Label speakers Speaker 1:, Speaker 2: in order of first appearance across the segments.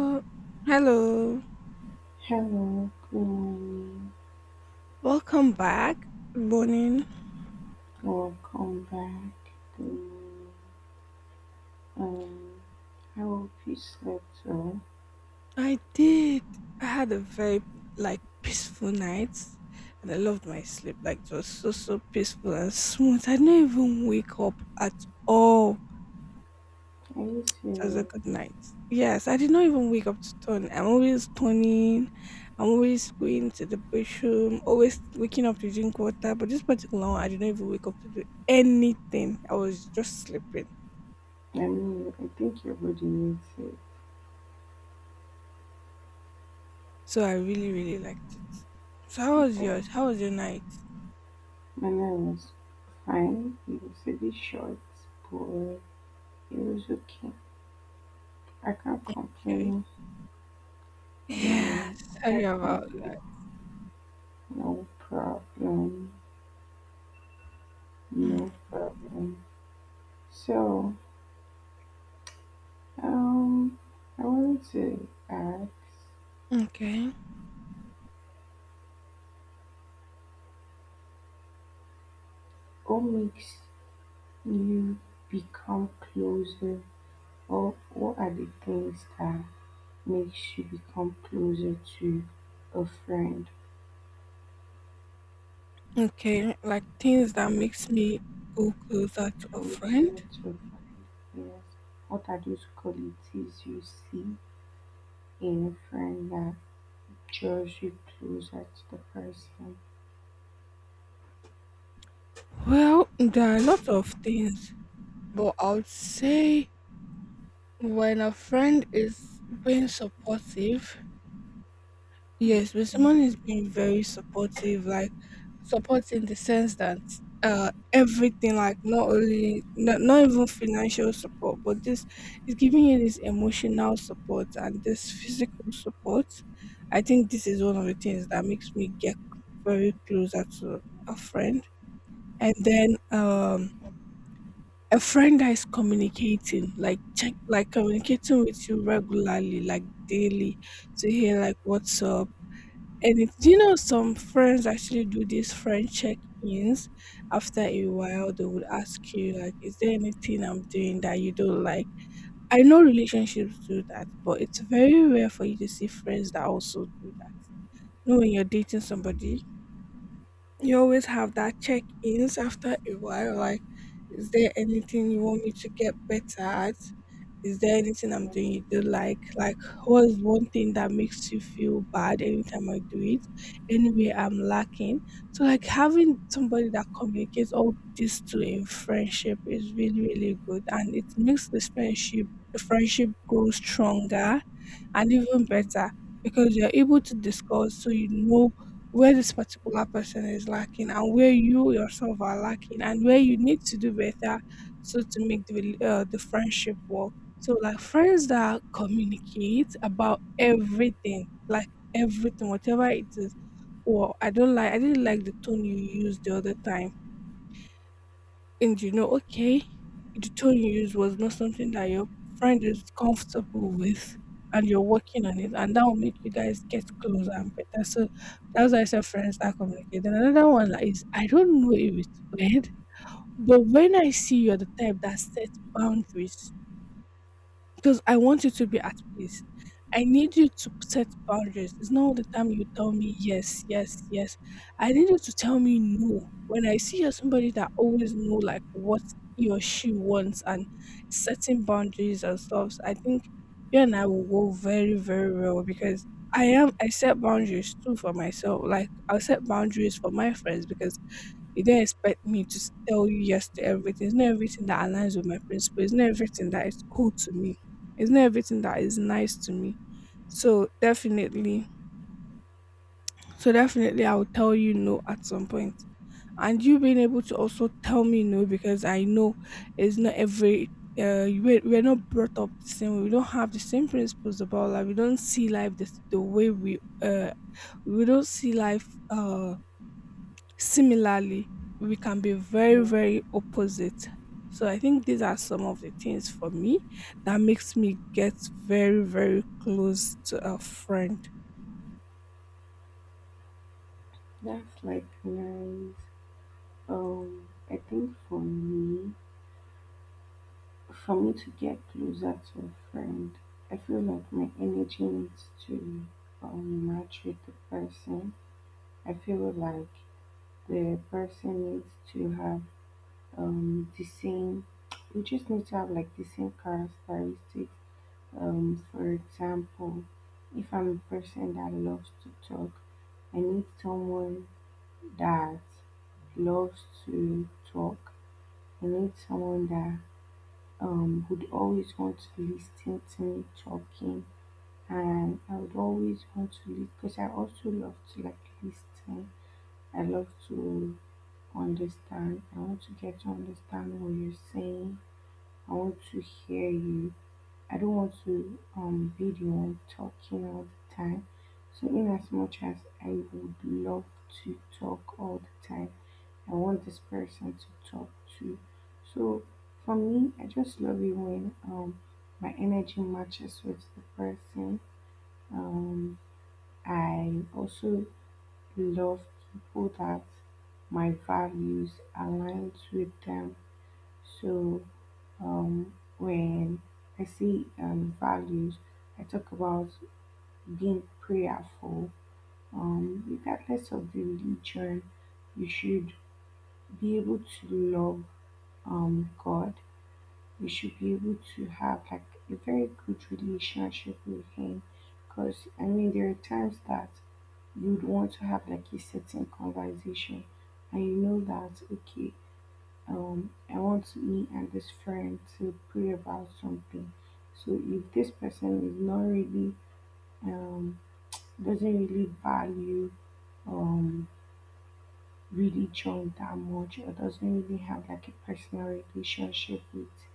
Speaker 1: Uh, hello,
Speaker 2: Hello, good morning,
Speaker 1: welcome back. Good morning.
Speaker 2: welcome back. Good morning. Um, I hope you slept well.
Speaker 1: I did. I had a very peaceful night, and I loved my sleep. Like it was so peaceful and smooth. I didn't even wake up at all.
Speaker 2: I used
Speaker 1: It was a
Speaker 2: to,
Speaker 1: good night. Yes, I did not even wake up to turn. I'm always turning. I'm always going to the bathroom. Always waking up to drink water. But this particular one, I didn't even wake up to do anything. I was just sleeping.
Speaker 2: I mean, I think your body needs it.
Speaker 1: So I really, really liked it. So how
Speaker 2: But
Speaker 1: was
Speaker 2: the
Speaker 1: yours? How was your night?
Speaker 2: manner was fine. It was a bit short, but it was okay. I can't
Speaker 1: Okay.
Speaker 2: complain. Yeah,
Speaker 1: Yeah,
Speaker 2: I
Speaker 1: sorry
Speaker 2: can't
Speaker 1: about
Speaker 2: complain.
Speaker 1: that.
Speaker 2: No problem.
Speaker 1: Mm,
Speaker 2: No problem. So, um, I wanted to ask,
Speaker 1: Okay.
Speaker 2: what makes You become closer, or what are the things that makes you become closer to a friend?
Speaker 1: Okay. Like things that makes me go closer to a
Speaker 2: Closer
Speaker 1: friend.
Speaker 2: to a friend, yes. What are those qualities you see in a friend that draws you closer to the person?
Speaker 1: Well, there are a lot of things, but I would say when a friend is being supportive. Yes, but someone
Speaker 2: Okay.
Speaker 1: is being very supportive, like support in the sense that everything, like not only not, not even financial support, but this is giving you this emotional support and this physical support. I think this is one of the things that makes me get very closer to a friend. And then a friend that is communicating, like check like communicating with you regularly, like daily to hear like what's up. And it, do you know some friends actually do these friend check-ins? After a while, they would ask you like, "Is there anything I'm doing that you don't like?" I know relationships do that, but it's very rare for you to see friends that also do that. You know, when you're dating somebody, you always have that check ins after a while, like is there anything you want me to get better at, is there anything I'm doing you do like what is one thing that makes you feel bad anytime I do it, anyway I'm lacking. So like having somebody that communicates all this to in friendship is really really good, and it makes the friendship grow stronger and even better,
Speaker 2: Mm,
Speaker 1: because you're able to discuss so you know where this particular person is lacking and where you yourself are lacking and where you need to do better so to make the the friendship work. So like friends that communicate about everything, like everything whatever it is, or I don't like, I didn't like the tone you used the other time, and you know, okay, the tone you used was not something that your friend is comfortable with, and you're working on it, and that will make you guys get closer and better. So that's why I said friends that communicate. Then another one that is, I don't know if it's weird, but when I see you're the type that sets boundaries, because I want you to be at peace. I need you to set boundaries. It's not all the time you tell me yes, yes, yes. I need you to tell me no. When I see you're somebody that always know like what he or she wants and setting boundaries and stuff, I think you and I will go very, very well because I set boundaries too for myself. Like I'll set boundaries for my friends because you don't expect me to tell you yes to everything. It's not everything that aligns with my principles. It's not everything that is cool to me. It's not everything that is nice to me. So definitely, so definitely, I will tell you no at some point. And you being able to also tell me no, because I know it's not every. We're not brought up the same way. We don't have the same principles about life. We don't see life this, the way we don't see life similarly, we can be very,
Speaker 2: yeah,
Speaker 1: very opposite. So I think these are some of the things for me that makes me get very, very close to a friend.
Speaker 2: that's like nice. I think for me, for me to get closer to a friend, I feel like my energy needs to match with the person. I feel like the person needs to have the same, we just need to have like the same characteristics. For example, if I'm a person that loves to talk, I need someone that loves to talk. I need someone that would always want to listen to me talking, and I would always want to listen because I also love to like listen. I love to understand. I want to get to understand what you're saying. I want to hear you. I don't want to be the one talking all the time. So in as much as I would love to talk all the time, I want this person to talk to. So for me, I just love it when my energy matches with the person. Um I also love people that my values aligns with them. So when I see values, I talk about being prayerful. Regardless of the religion, you should be able to love God. You should be able to have like a very good relationship with Him, because I mean there are times that you'd want to have like a certain conversation, and you know that okay, I want me and this friend to pray about something. So if this person is not really um, doesn't really value um, religion that much or doesn't really have like a personal relationship with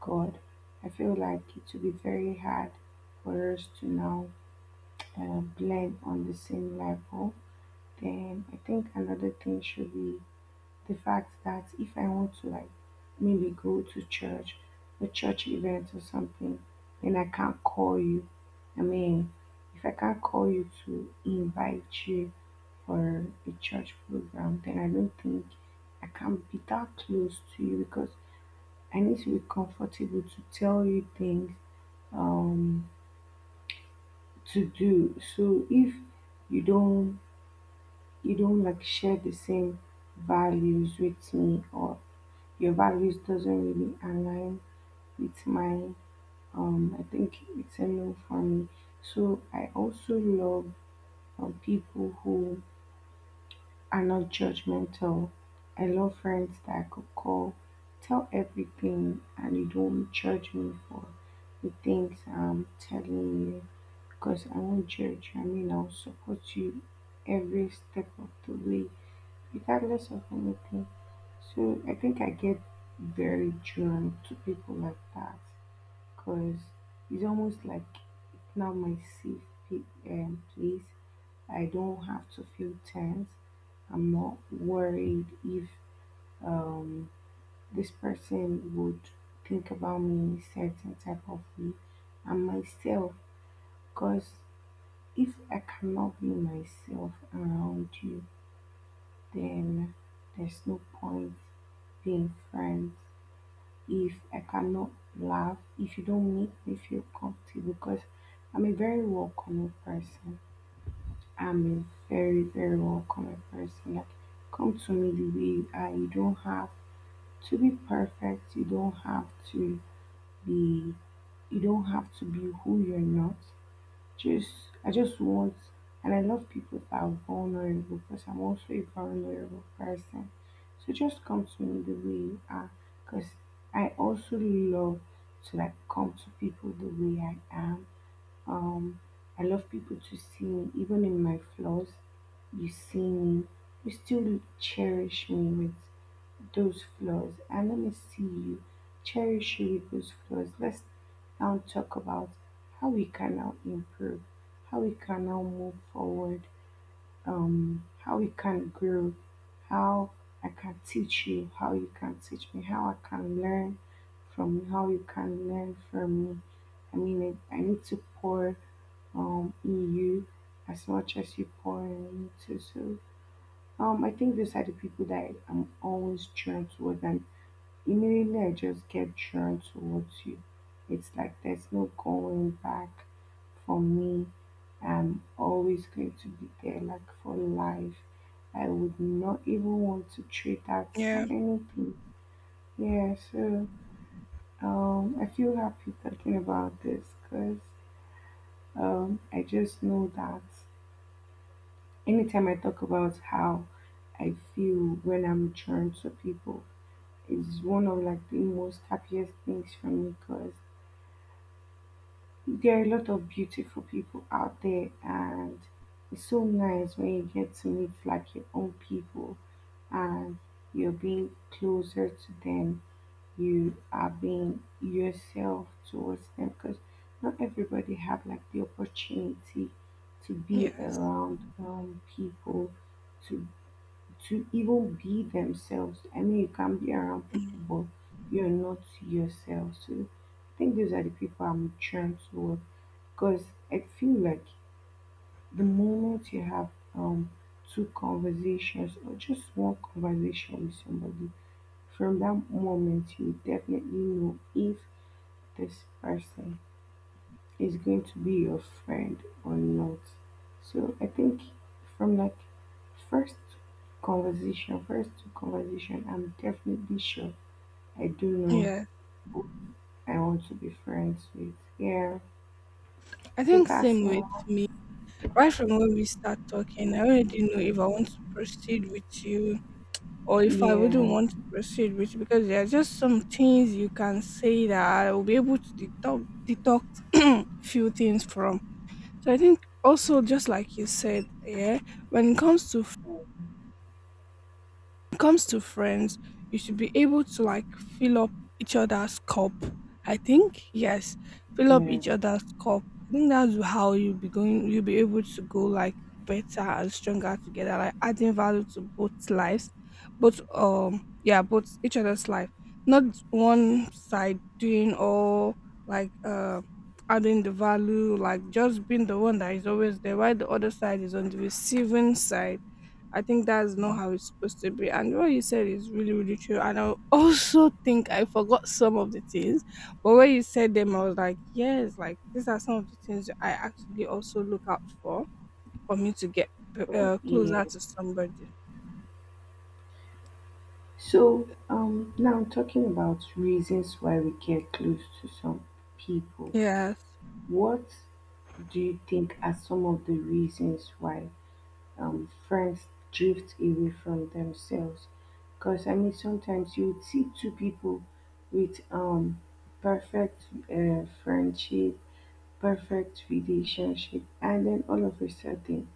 Speaker 2: God, I feel like it will be very hard for us to now blend on the same level. Then I think another thing should be the fact that if I want to like maybe go to church, a church event or something, then I can't call you. I mean, if I can't call you to invite you for a church program, then I don't think I can be that close to you because I need to be comfortable to tell you things um to do. So if you don't you don't like share the same values with me or your values doesn't really align with mine, I think it's a no for me. So I also love people who are not judgmental. I love friends that I could call, tell everything and you don't judge me for the things I'm telling you because I won't judge you. I mean, I'll support you every step of the way, regardless of anything. So I think I get very drawn to people like that because it's almost like now my safe place. I don't have to feel tense. I'm not worried if um, this person would think about me in a certain type of way. And myself, because if I cannot be myself around you, then there's no point being friends. If I cannot laugh, if you don't make me feel comfortable, because I'm a very welcoming person. I'm a very, very welcoming person. Like, come to me the way you are. You don't have to be perfect. Be, you don't have to be who you're not. Just I just want and I love people that are vulnerable because I'm also a vulnerable person. So just come to me the way you are because I also love to like come to people the way I am. Um I love people to see me even in my flaws. You see me, you still cherish me with those flaws, and let me see you, cherish you with those flaws. Let's now talk about how we can now improve, how we can now move forward, how we can grow, how I can teach you, how you can teach me, how I can learn from you, how you can learn from me. I mean, I need to pour in you as much as you pour in me too. So I think those are the people that I'm always drawn towards. And immediately I just get drawn towards you, it's like there's no going back for me. I'm always going to be there, like for life. I would not even want to trade that for
Speaker 1: Yeah.
Speaker 2: anything. Yeah, so I feel happy talking about this because I just know that anytime I talk about how I feel when I'm drawn to people, it's one of like the most happiest things for me because there are a lot of beautiful people out there, and it's so nice when you get to meet like your own people and you're being closer to them, you are being yourself towards them because not everybody have like the opportunity to be
Speaker 1: Yes.
Speaker 2: around people to to even be themselves. I mean, you can be around people,
Speaker 1: Mm.
Speaker 2: but you're not yourself. So I think those are the people I'm trying to, because I feel like the moment you have um two conversations or just one conversation with somebody, from that moment you definitely know if this person is going to be your friend or not. So I think from like first conversation, first two conversation, I'm definitely sure I do know
Speaker 1: Yeah.
Speaker 2: I want to be friends with. Yeah.
Speaker 1: I
Speaker 2: So
Speaker 1: think
Speaker 2: that's
Speaker 1: same with me. Right from when we start talking, I already know if I want to proceed with you or if I wouldn't
Speaker 2: yeah,
Speaker 1: want to proceed with you, because there are just some things you can say that I will be able to deduct few things from. So I think also just like you said, yeah, when it comes to, friends, you should be able to like fill up each other's cup. I think yes, fill up
Speaker 2: yeah,
Speaker 1: each other's cup. I think that's how you'll be going. You'll be able to go like better and stronger together, like adding value to both lives, both yeah, both each other's life. Not one side doing all like uh adding the value, like just being the one that is always there, while the other side is on the receiving side. I think that's not
Speaker 2: yeah.
Speaker 1: how it's supposed to be. And what you said is really, really true. And I also think I forgot some of the things, but when you said them, I was like, yes, like these are some of the things that I actually also look out for me to get
Speaker 2: But yeah.
Speaker 1: closer to somebody.
Speaker 2: So, now talking about reasons why we get close to some people,
Speaker 1: Yes.
Speaker 2: what do you think are some of the reasons why friends drift away from themselves? Because I mean, sometimes you would see two people with perfect friendship, perfect relationship, and then all of a sudden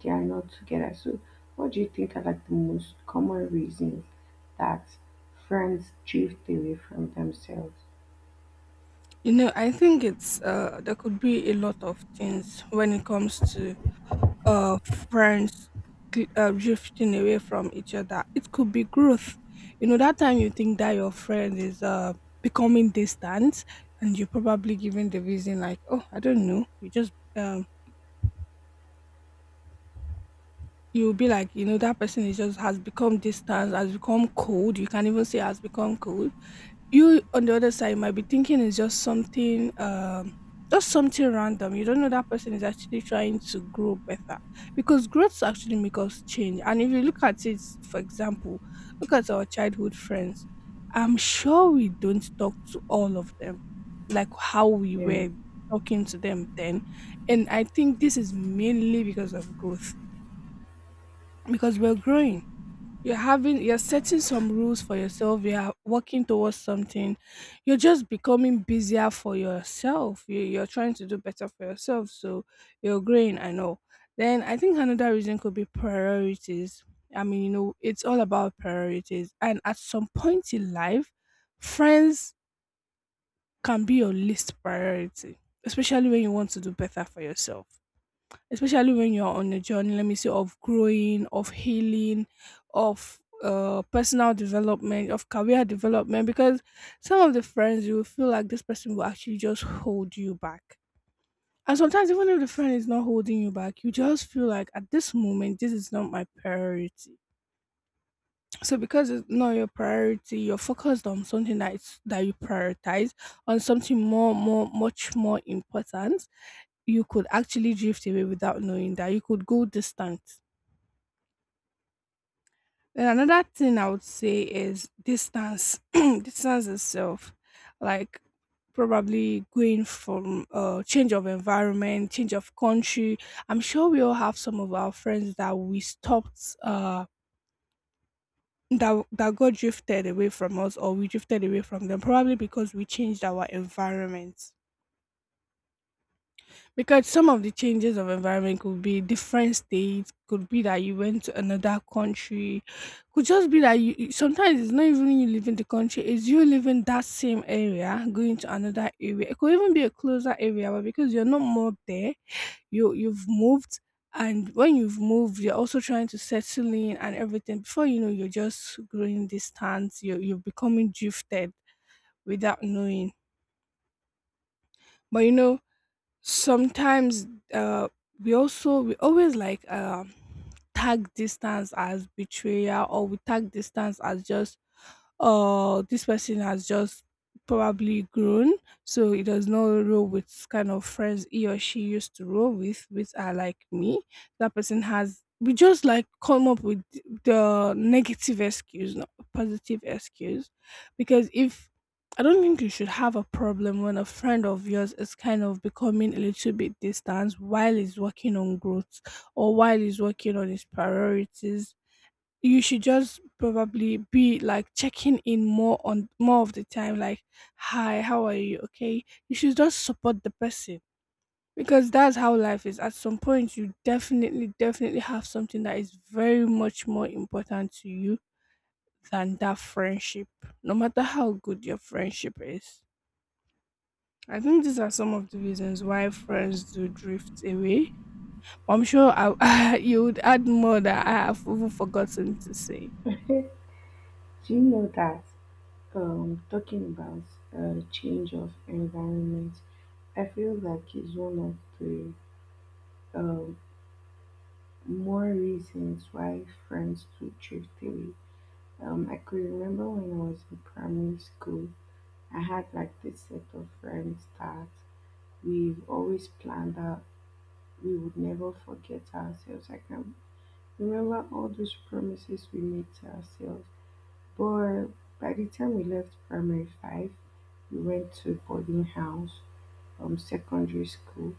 Speaker 2: they are not together. So, what do you think are like the most common reasons that friends drift away from themselves?
Speaker 1: You know, I think there could be a lot of things when it comes to uh, friends drifting away from each other. It could be growth. You know, that time you think that your friend is becoming distant, and you're probably giving the reason like, oh, I don't know. You'll be like, you know, that person is just has become distant, has become cold. You can even say has become cold. You on the other side might be thinking it's just something random. You don't know that person is actually trying to grow better, because growth actually make us change. And if you look at it, for example, look at our childhood friends, I'm sure we don't talk to all of them like how we
Speaker 2: Yeah.
Speaker 1: were talking to them then. And I think this is mainly because of growth, because we're growing. You're setting some rules for yourself. You're working towards something. You're just becoming busier for yourself. You're trying to do better for yourself. So you're growing, I know. Then I think another reason could be priorities. I mean, you know, it's all about priorities. And at some point in life, friends can be your least priority, especially when you want to do better for yourself, especially when you're on a journey, let me say, of growing, of healing, of personal development, of career development, because some of the friends you will feel like this person will actually just hold you back. And sometimes even if the friend is not holding you back, you just feel like at this moment this is not my priority. So because it's not your priority, you're focused on something that is, that you prioritize, on something more more much more important. You could actually drift away without knowing, that you could go distant. Then another thing I would say is distance distance itself. Like probably going from change of environment, change of country, I'm sure we all have some of our friends that we stopped that got drifted away from us, or we drifted away from them, probably because we changed our environment. Because some of the changes of environment could be different states, could be that you went to another country, could just be that you sometimes it's not even you leaving the country, it's you leaving that same area going to another area, it could even be a closer area, but because you're not more there, you've moved. And when you've moved, you're also trying to settle in and everything, before you know you're just growing distance. You're becoming drifted without knowing. But you know, sometimes uh we always like tag distance as betrayal, or we tag distance as just, or this person has just probably grown, so he does not roll with kind of friends he or she used to roll with, which are like me. That person has. We just like come up with the negative excuse, not positive excuse, because if I don't think you should have a problem when a friend of yours is kind of becoming a little bit distant while he's working on growth or while he's working on his priorities. You should just probably be like checking in more on more of the time, like, hi, how are you, okay, you should just support the person, because that's how life is. At some point you definitely have something that is very much more important to you than that friendship, no matter how good your friendship is. I think these are some of the reasons why friends do drift away. I'm sure you would add more that I have even forgotten to say.
Speaker 2: Do you know that talking about change of environment, I feel like is one of the um, more reasons why friends do drift away. I could remember when I was in primary school, I had like this set of friends that we've always planned that we would never forget ourselves. I can remember all those promises we made to ourselves. But by the time we left primary five, we went to boarding house from secondary school.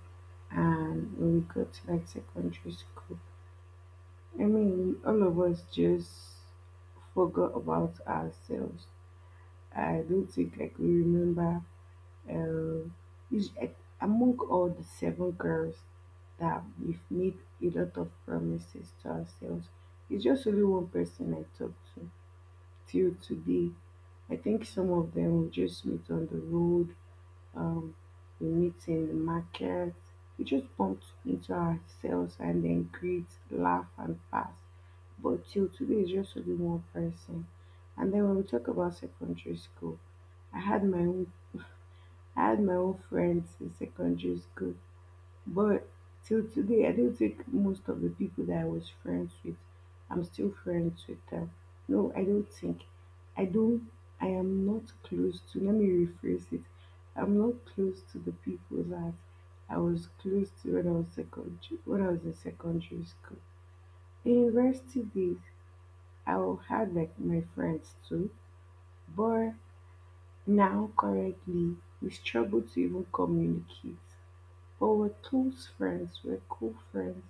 Speaker 2: And when we got to like secondary school, I mean, all of us just forgot about ourselves. I don't think like we remember. Uh, is Among all the seven girls that we've made a lot of promises to ourselves, it's just only one person I talk to till today. I think some of them we just meet on the road, um, we meet in the market, we just bump into ourselves and then greet, laugh, and pass. But till today, it's just only one person. And then when we talk about secondary school, I had my own I had my own friends in secondary school, but till today, I don't think most of the people that I was friends with, I'm still friends with them. No, I don't think. I don't, I am not close to, let me rephrase it. I'm not close to the people that I was close to when I was secondary, when I was in secondary school. In university days, I had like my friends too, but now currently, we struggle to even communicate. But with close friends. We're cool friends.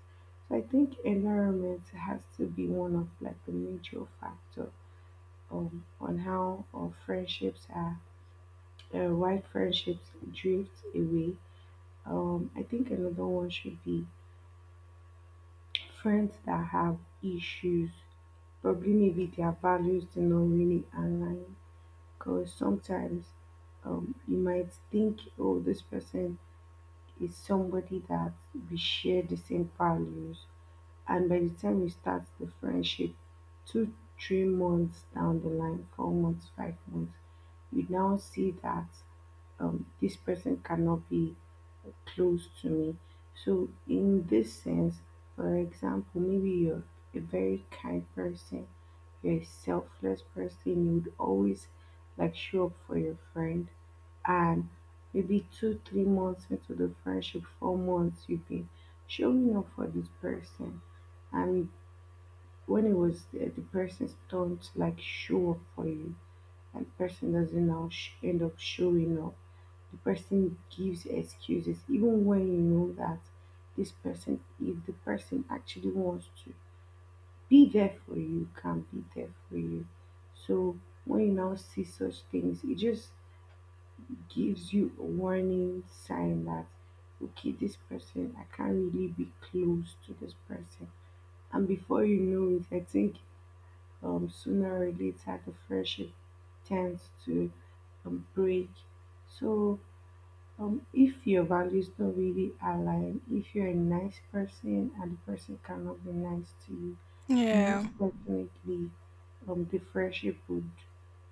Speaker 2: So I think environment has to be one of like the major factor on how our friendships are, why friendships drift away. I think another one should be friends that have issues. Probably maybe their values do not really align. Because sometimes you might think, oh, this person is somebody that we share the same values. And by the time you start the friendship, 2 3 months down the line, 4 months, 5 months, you now see that this person cannot be close to me. So in this sense, for example, maybe you're a very kind person, you're a selfless person, you would always like show up for your friend. And maybe 2 3 months into the friendship, 4 months, you've been showing up for this person. And when it was the person's turn to like show up for you, and the person doesn't now end up showing up. The person gives excuses even when you know that this person, if the person actually wants to be there for you, can be there for you. So when you now see such things, it just gives you a warning sign that okay, this person, I can't really be close to this person. And before you know it, I think sooner or later the friendship tends to break. So, if your values don't really align, if you're a nice person and the person cannot be nice to you, most
Speaker 1: Yeah,
Speaker 2: definitely the friendship would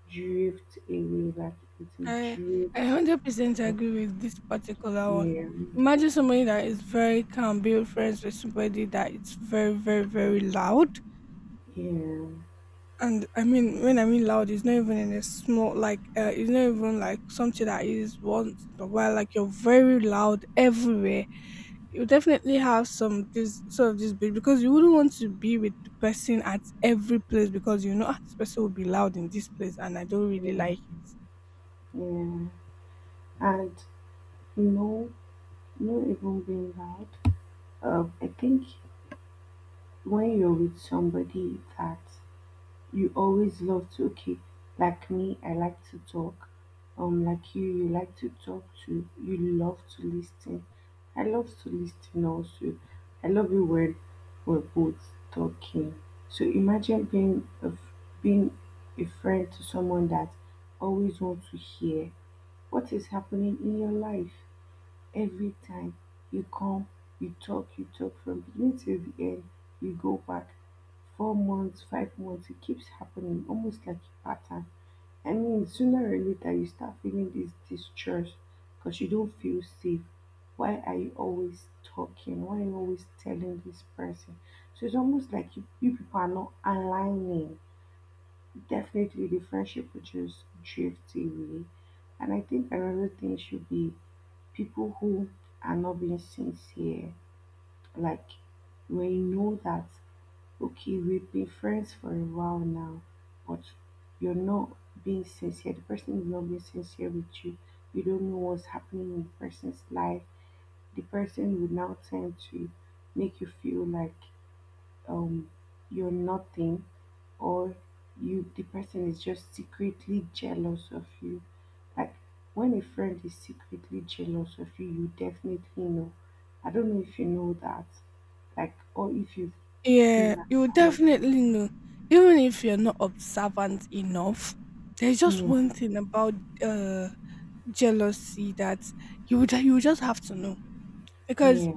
Speaker 2: drift away, like it will
Speaker 1: I I
Speaker 2: drift.
Speaker 1: 100% agree with this particular one.
Speaker 2: Yeah,
Speaker 1: Imagine somebody that is very calm being friends with somebody that is very, very, very loud.
Speaker 2: yeah,
Speaker 1: And I mean, when I mean loud, it's not even in a small like it's not even like something that is once in a while. Like, you're very loud everywhere. You definitely have some this sort of this bit, because you wouldn't want to be with the person at every place, because you know, "Ah, this person will be loud in this place and I don't really
Speaker 2: yeah,
Speaker 1: like it."
Speaker 2: yeah. And no, no, even being loud. I think when you're with somebody that. You always love to cook. Like me, I like to talk. Like you like to talk too. You love to listen. I love to listen also. I love it when we're both talking. So imagine being being a friend to someone that always wants to hear what is happening in your life every time. You come, you talk from beginning till the end, you go back, 4 months, 5 months, it keeps happening almost like a pattern. I mean, sooner or later you start feeling this distrust because you don't feel safe. Why are you always talking? Why are you always telling this person? So it's almost like you people are not aligning. Definitely the friendship will just drift away. And I think another thing should be people who are not being sincere. Like, when you know that, okay, we've been friends for a while now, but you're not being sincere. The person is not being sincere with you. You don't know what's happening in the person's life. The person will now tend to make you feel like um, you're nothing, or you the person is just secretly jealous of you. Like when a friend is secretly jealous of you, you definitely know. I don't know if you know that, like, or if you've
Speaker 1: Yeah,
Speaker 2: seen that
Speaker 1: you will
Speaker 2: or not.
Speaker 1: definitely know. Even if you're not observant enough, there's just
Speaker 2: Yeah,
Speaker 1: one thing about uh jealousy that you would just have to know. Because
Speaker 2: yeah,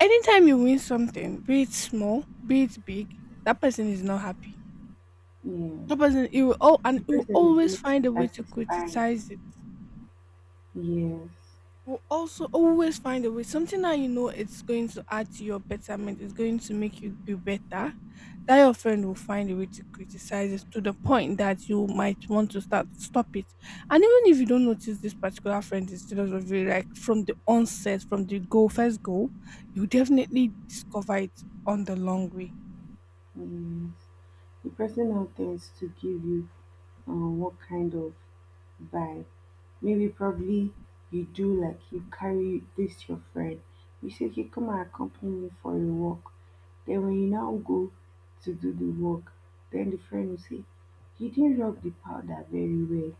Speaker 1: anytime you win something, be it small, be it big, that person is not happy.
Speaker 2: yeah.
Speaker 1: That person you will all and
Speaker 2: The
Speaker 1: you will
Speaker 2: person is
Speaker 1: always
Speaker 2: never
Speaker 1: find a way to
Speaker 2: inspired.
Speaker 1: criticize it,
Speaker 2: Yes,
Speaker 1: will also always find a way. Something that you know it's going to add to your betterment, it's going to make you be better, that your friend will find a way to criticize it, to the point that you might want to start stop it. And even if you don't notice this particular friend is jealous of you, like, from the onset, from the go first goal, you definitely discover it on the long way.
Speaker 2: yes. The person out there is to give you what kind of vibe. Maybe probably you do like you carry this your friend. You say, okay, come and accompany me for a walk. Then when you now go to do the walk, then the friend will say, you didn't rub the powder very well.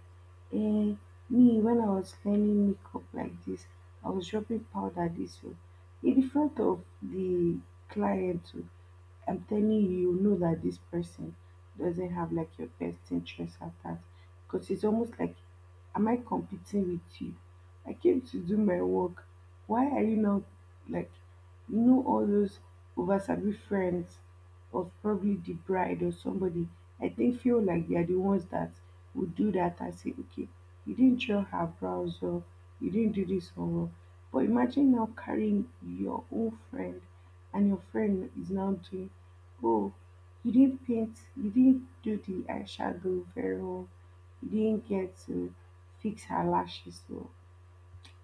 Speaker 2: Eh, me, when I was learning makeup like this, I was rubbing powder this way. In the front of the client too, I'm telling you, you know that this person doesn't have like your best interest at heart because it's almost like, am I competing with you? I came to do my work. Why are you not like, all those over sabi friends of probably the bride or somebody? I think feel like they are the ones that would do that. I say, okay, you didn't draw her brows or you didn't do this homework. But imagine now carrying your own friend, and your friend is now doing, oh, you didn't paint, you didn't do the eyeshadow very well. You didn't get to fix her lashes well.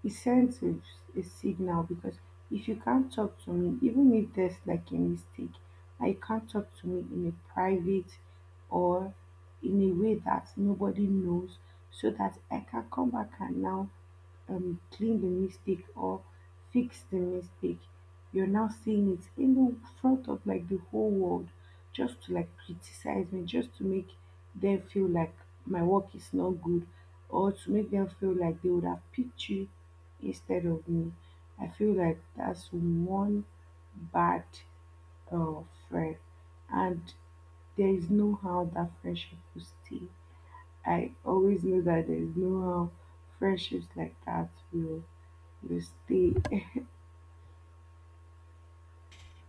Speaker 2: It sends a signal because if you can't talk to me, even if there's like a mistake, I can't talk to me in a private or in a way that nobody knows, so that I can come back and now clean the mistake or fix the mistake. You're now seeing it in the front of like the whole world just to like criticize me, just to make them feel like my work is not good, or to make them feel like they would have picked you instead of me. I feel like that's one bad uh, friend, and there is no how that friendship will stay. I always know that there is no how friendships like that will you stay.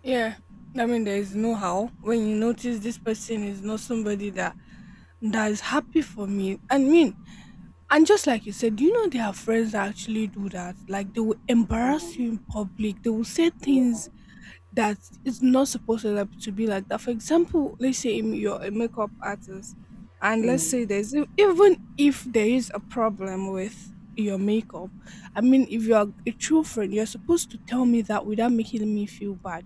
Speaker 1: Yeah. I mean, there is no how, when you notice this person is not somebody that is happy for me. I mean, and just like you said, you know there are friends that actually do that? Like, they will embarrass
Speaker 2: um,
Speaker 1: you in public. They will say
Speaker 2: yeah.
Speaker 1: things that it's not supposed to, to be like that. For example, let's say you're a makeup artist, and let's say
Speaker 2: um,
Speaker 1: there's even if there is a problem with your makeup, I mean, if you are a true friend, you're supposed to tell me that without making me feel bad.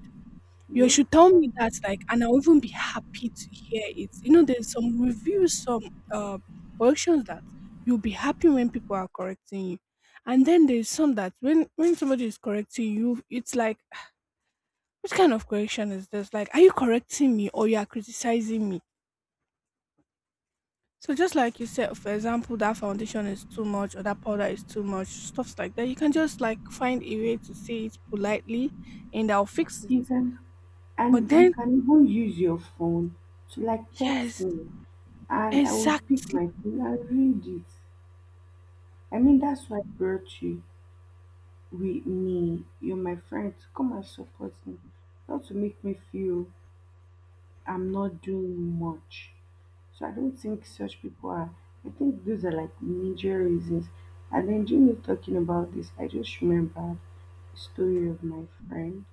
Speaker 1: You
Speaker 2: yes.
Speaker 1: should tell me that, like, and I'll even be happy to hear it. You know, there's some reviews, some uh, corrections that you'll be happy when people are correcting you. And then there's some that, when somebody is correcting you, it's like, what kind of correction is this? Like, are you correcting me or you are criticizing me? So, just like you said, for example, that foundation is too much or that powder is too much, stuffs like that. You can just like find a way to say it politely, and I'll fix it.
Speaker 2: You can,
Speaker 1: But
Speaker 2: and you
Speaker 1: then,
Speaker 2: can even use your phone to like text
Speaker 1: yes,
Speaker 2: me, and I would pick
Speaker 1: exactly.
Speaker 2: my phone and read it. I mean, that's why I brought you with me. You're my friend. Come and support me, not to make me feel I'm not doing much. So I don't think such people are. I think those are like major reasons. And then, during you talking about this, I just remembered a story of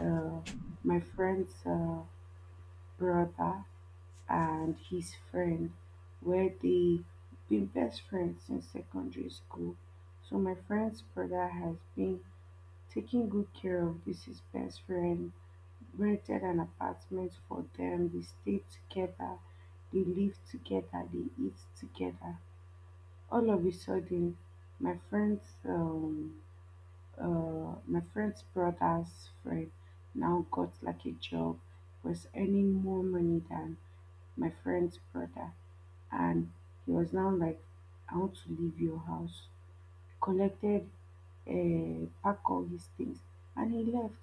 Speaker 2: uh, my friend's brother and his friend, were they been best friends since secondary school. So my friend's brother has been taking good care of this his best friend, rented an apartment for them, they stay together, they live together, they eat together. All of a sudden, my friend's um, my friend's brother's friend now got like a job, was earning more money than my friend's brother, and he was now like, I want to leave your house. Collected, pack all his things, and he left.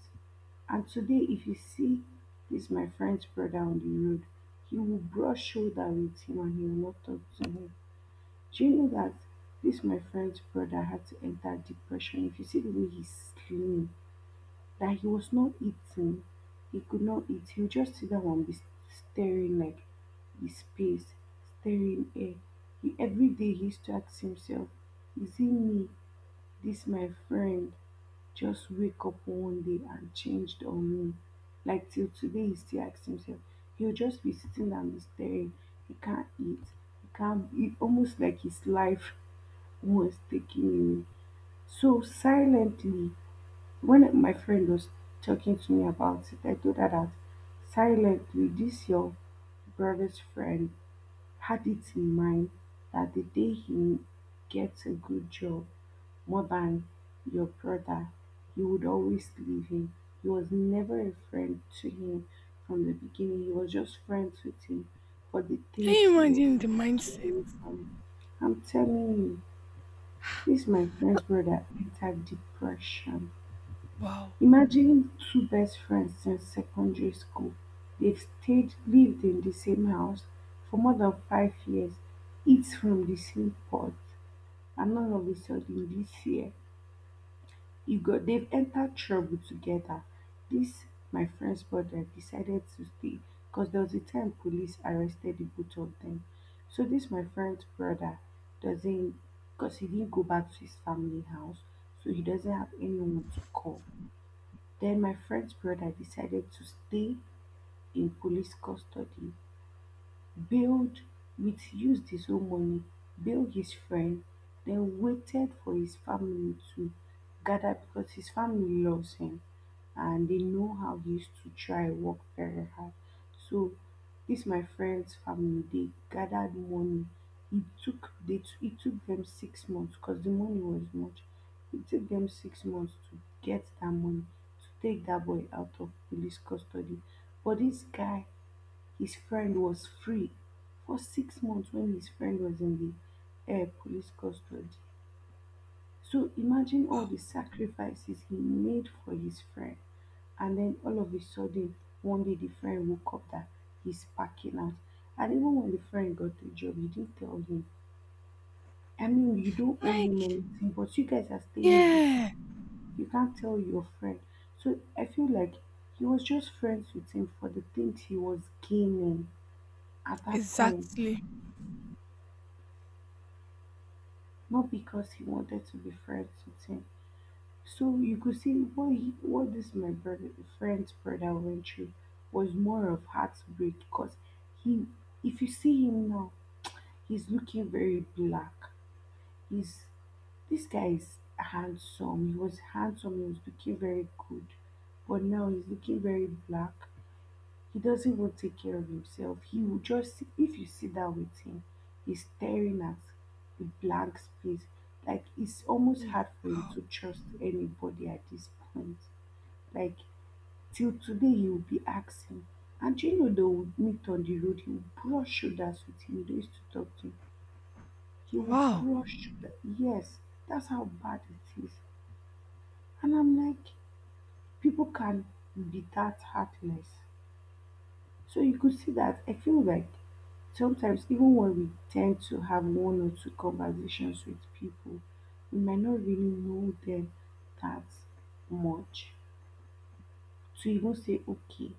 Speaker 2: And today, if you see this my friend's brother on the road, he will brush shoulder with him and he will not talk to him. Do you know that this my friend's brother had to enter depression? If you see the way he's slim, that he was not eating. He could not eat. He would just sit down and be staring like his space, staring air. He, every day he used to ask himself, is it me? This my friend just wake up one day and changed on me. Like till today he still asks himself. He'll just be sitting down and be staring. He can't eat. He can't eat almost like his life was taking him. So silently when my friend was talking to me about it, I told her that silently this your brother's friend had it in mind that the day he gets a good job more than your brother, you would always leave him. He was never a friend to him from the beginning. He was just friends with him for the
Speaker 1: Can
Speaker 2: things
Speaker 1: you
Speaker 2: he was
Speaker 1: imagine the mindset?
Speaker 2: getting from him. I'm telling you, this my friend's brother entered depression.
Speaker 1: Wow,
Speaker 2: Imagine two best friends since secondary school. They've stayed lived in the same house for more than 5 years, eat from the same pot, and all of a sudden this year, you got they've entered trouble together. This my friend's brother decided to stay because there was a time police arrested the both of them. So this my friend's brother doesn't, because he didn't go back to his family house, so he doesn't have anyone to call. Then my friend's brother decided to stay in police custody, bailed with his own money, bailed his friend, then waited for his family to gather because his family loves him and they know how he used to try work very hard. So this my friend's family, they gathered money. It took it took them 6 months because the money was much. It took them 6 months to get that money to take that boy out of police custody. But this guy, his friend was free for 6 months when his friend was in the police custody. So imagine
Speaker 1: wow.
Speaker 2: all the sacrifices he made for his friend, and then all of a sudden, one day the friend woke up that he's packing out. And even when the friend got the job, you didn't tell him. I mean, you don't owe
Speaker 1: Like,
Speaker 2: him anything, but you guys are staying in the city.
Speaker 1: yeah,
Speaker 2: You can't tell your friend. So I feel like he was just friends with him for the things he was gaining at that point,
Speaker 1: exactly.
Speaker 2: not because he wanted to be friends with him. So you could see what this my brother friend's brother went through was more of heartbreak because he, if you see him now, he's looking very black. He's This guy is handsome. He was handsome, he was looking very good. But now he's looking very black. He doesn't even take care of himself. He will just sit if you sit down with him, he's staring at a blank space. Like it's almost
Speaker 1: Yeah.
Speaker 2: hard for him
Speaker 1: Wow,
Speaker 2: to trust anybody at this point, like till today he will be asking. And do you know, they will meet on the road, he will brush shoulders with him, they used to talk to him, he will
Speaker 1: wow.
Speaker 2: brush shoulder. Yes, that's how bad it is. And I'm like, people can be that heartless. So you could see that I feel like sometimes even when we tend to have one or two conversations with people, we might not really know them that much to even say okay,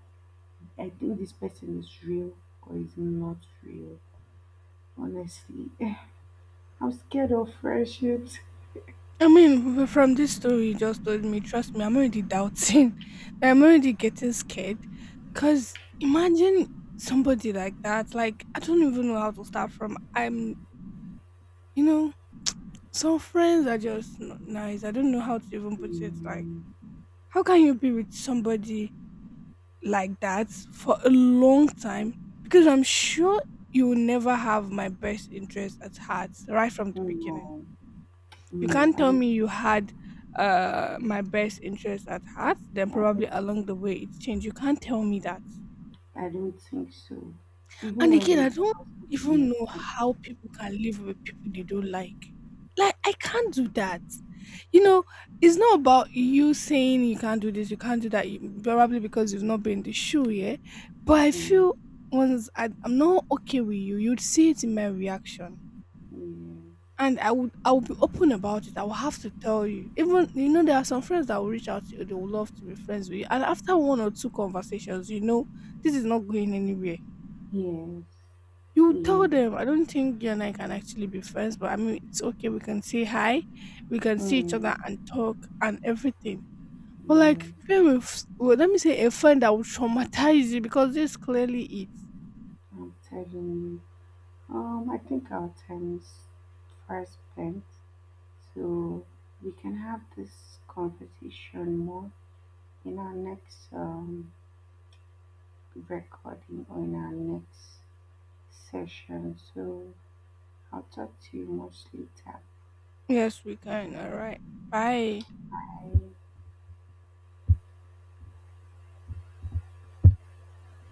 Speaker 2: I think this person is real or is not real. Honestly, I'm scared of friendships.
Speaker 1: I mean, from this story you just told me, trust me, I'm already doubting. I'm already getting scared. Because imagine somebody like that. Like, I don't even know how to start from. You know, some friends are just not nice. I don't know how to even put it. Like,
Speaker 2: Mm.
Speaker 1: how can you be with somebody like that for a long time, because I'm sure you will never have my best interest at heart right from the beginning.
Speaker 2: No,
Speaker 1: You
Speaker 2: no,
Speaker 1: can't tell me you had my best interest at heart, then
Speaker 2: I
Speaker 1: probably
Speaker 2: don't,
Speaker 1: along the way it's changed. You can't tell me that.
Speaker 2: I don't think so. Even
Speaker 1: And again, I
Speaker 2: when
Speaker 1: don't
Speaker 2: I was making
Speaker 1: even
Speaker 2: my
Speaker 1: know
Speaker 2: friend.
Speaker 1: how people can live with people they don't like. Like, I can't do that. You know, it's not about you saying you can't do this, you can't do that. You, probably because you've not been in the shoe, yeah. But I
Speaker 2: Mm.
Speaker 1: feel, once I'm not okay with you, you'd see it in my reaction, and I would be open about it. I will have to tell you. Even, you know, there are some friends that will reach out to you. They will love to be friends with you, and after one or two conversations, you know, this is not going anywhere.
Speaker 2: Yeah.
Speaker 1: You
Speaker 2: Yes,
Speaker 1: tell
Speaker 2: yes.
Speaker 1: them, I don't think you and I can actually be friends, but I mean, it's okay. We can say hi, we can see each other
Speaker 2: Mm.
Speaker 1: and talk and everything. But like,
Speaker 2: Yes.
Speaker 1: being with, well, let me say a friend that will traumatize you, because this clearly it.
Speaker 2: I'm telling you. I think our time is far spent, so we can have this conversation more in our next recording or in our next session. So I'll talk to you mostly later.
Speaker 1: Yes, we can. All right. Bye.
Speaker 2: Bye.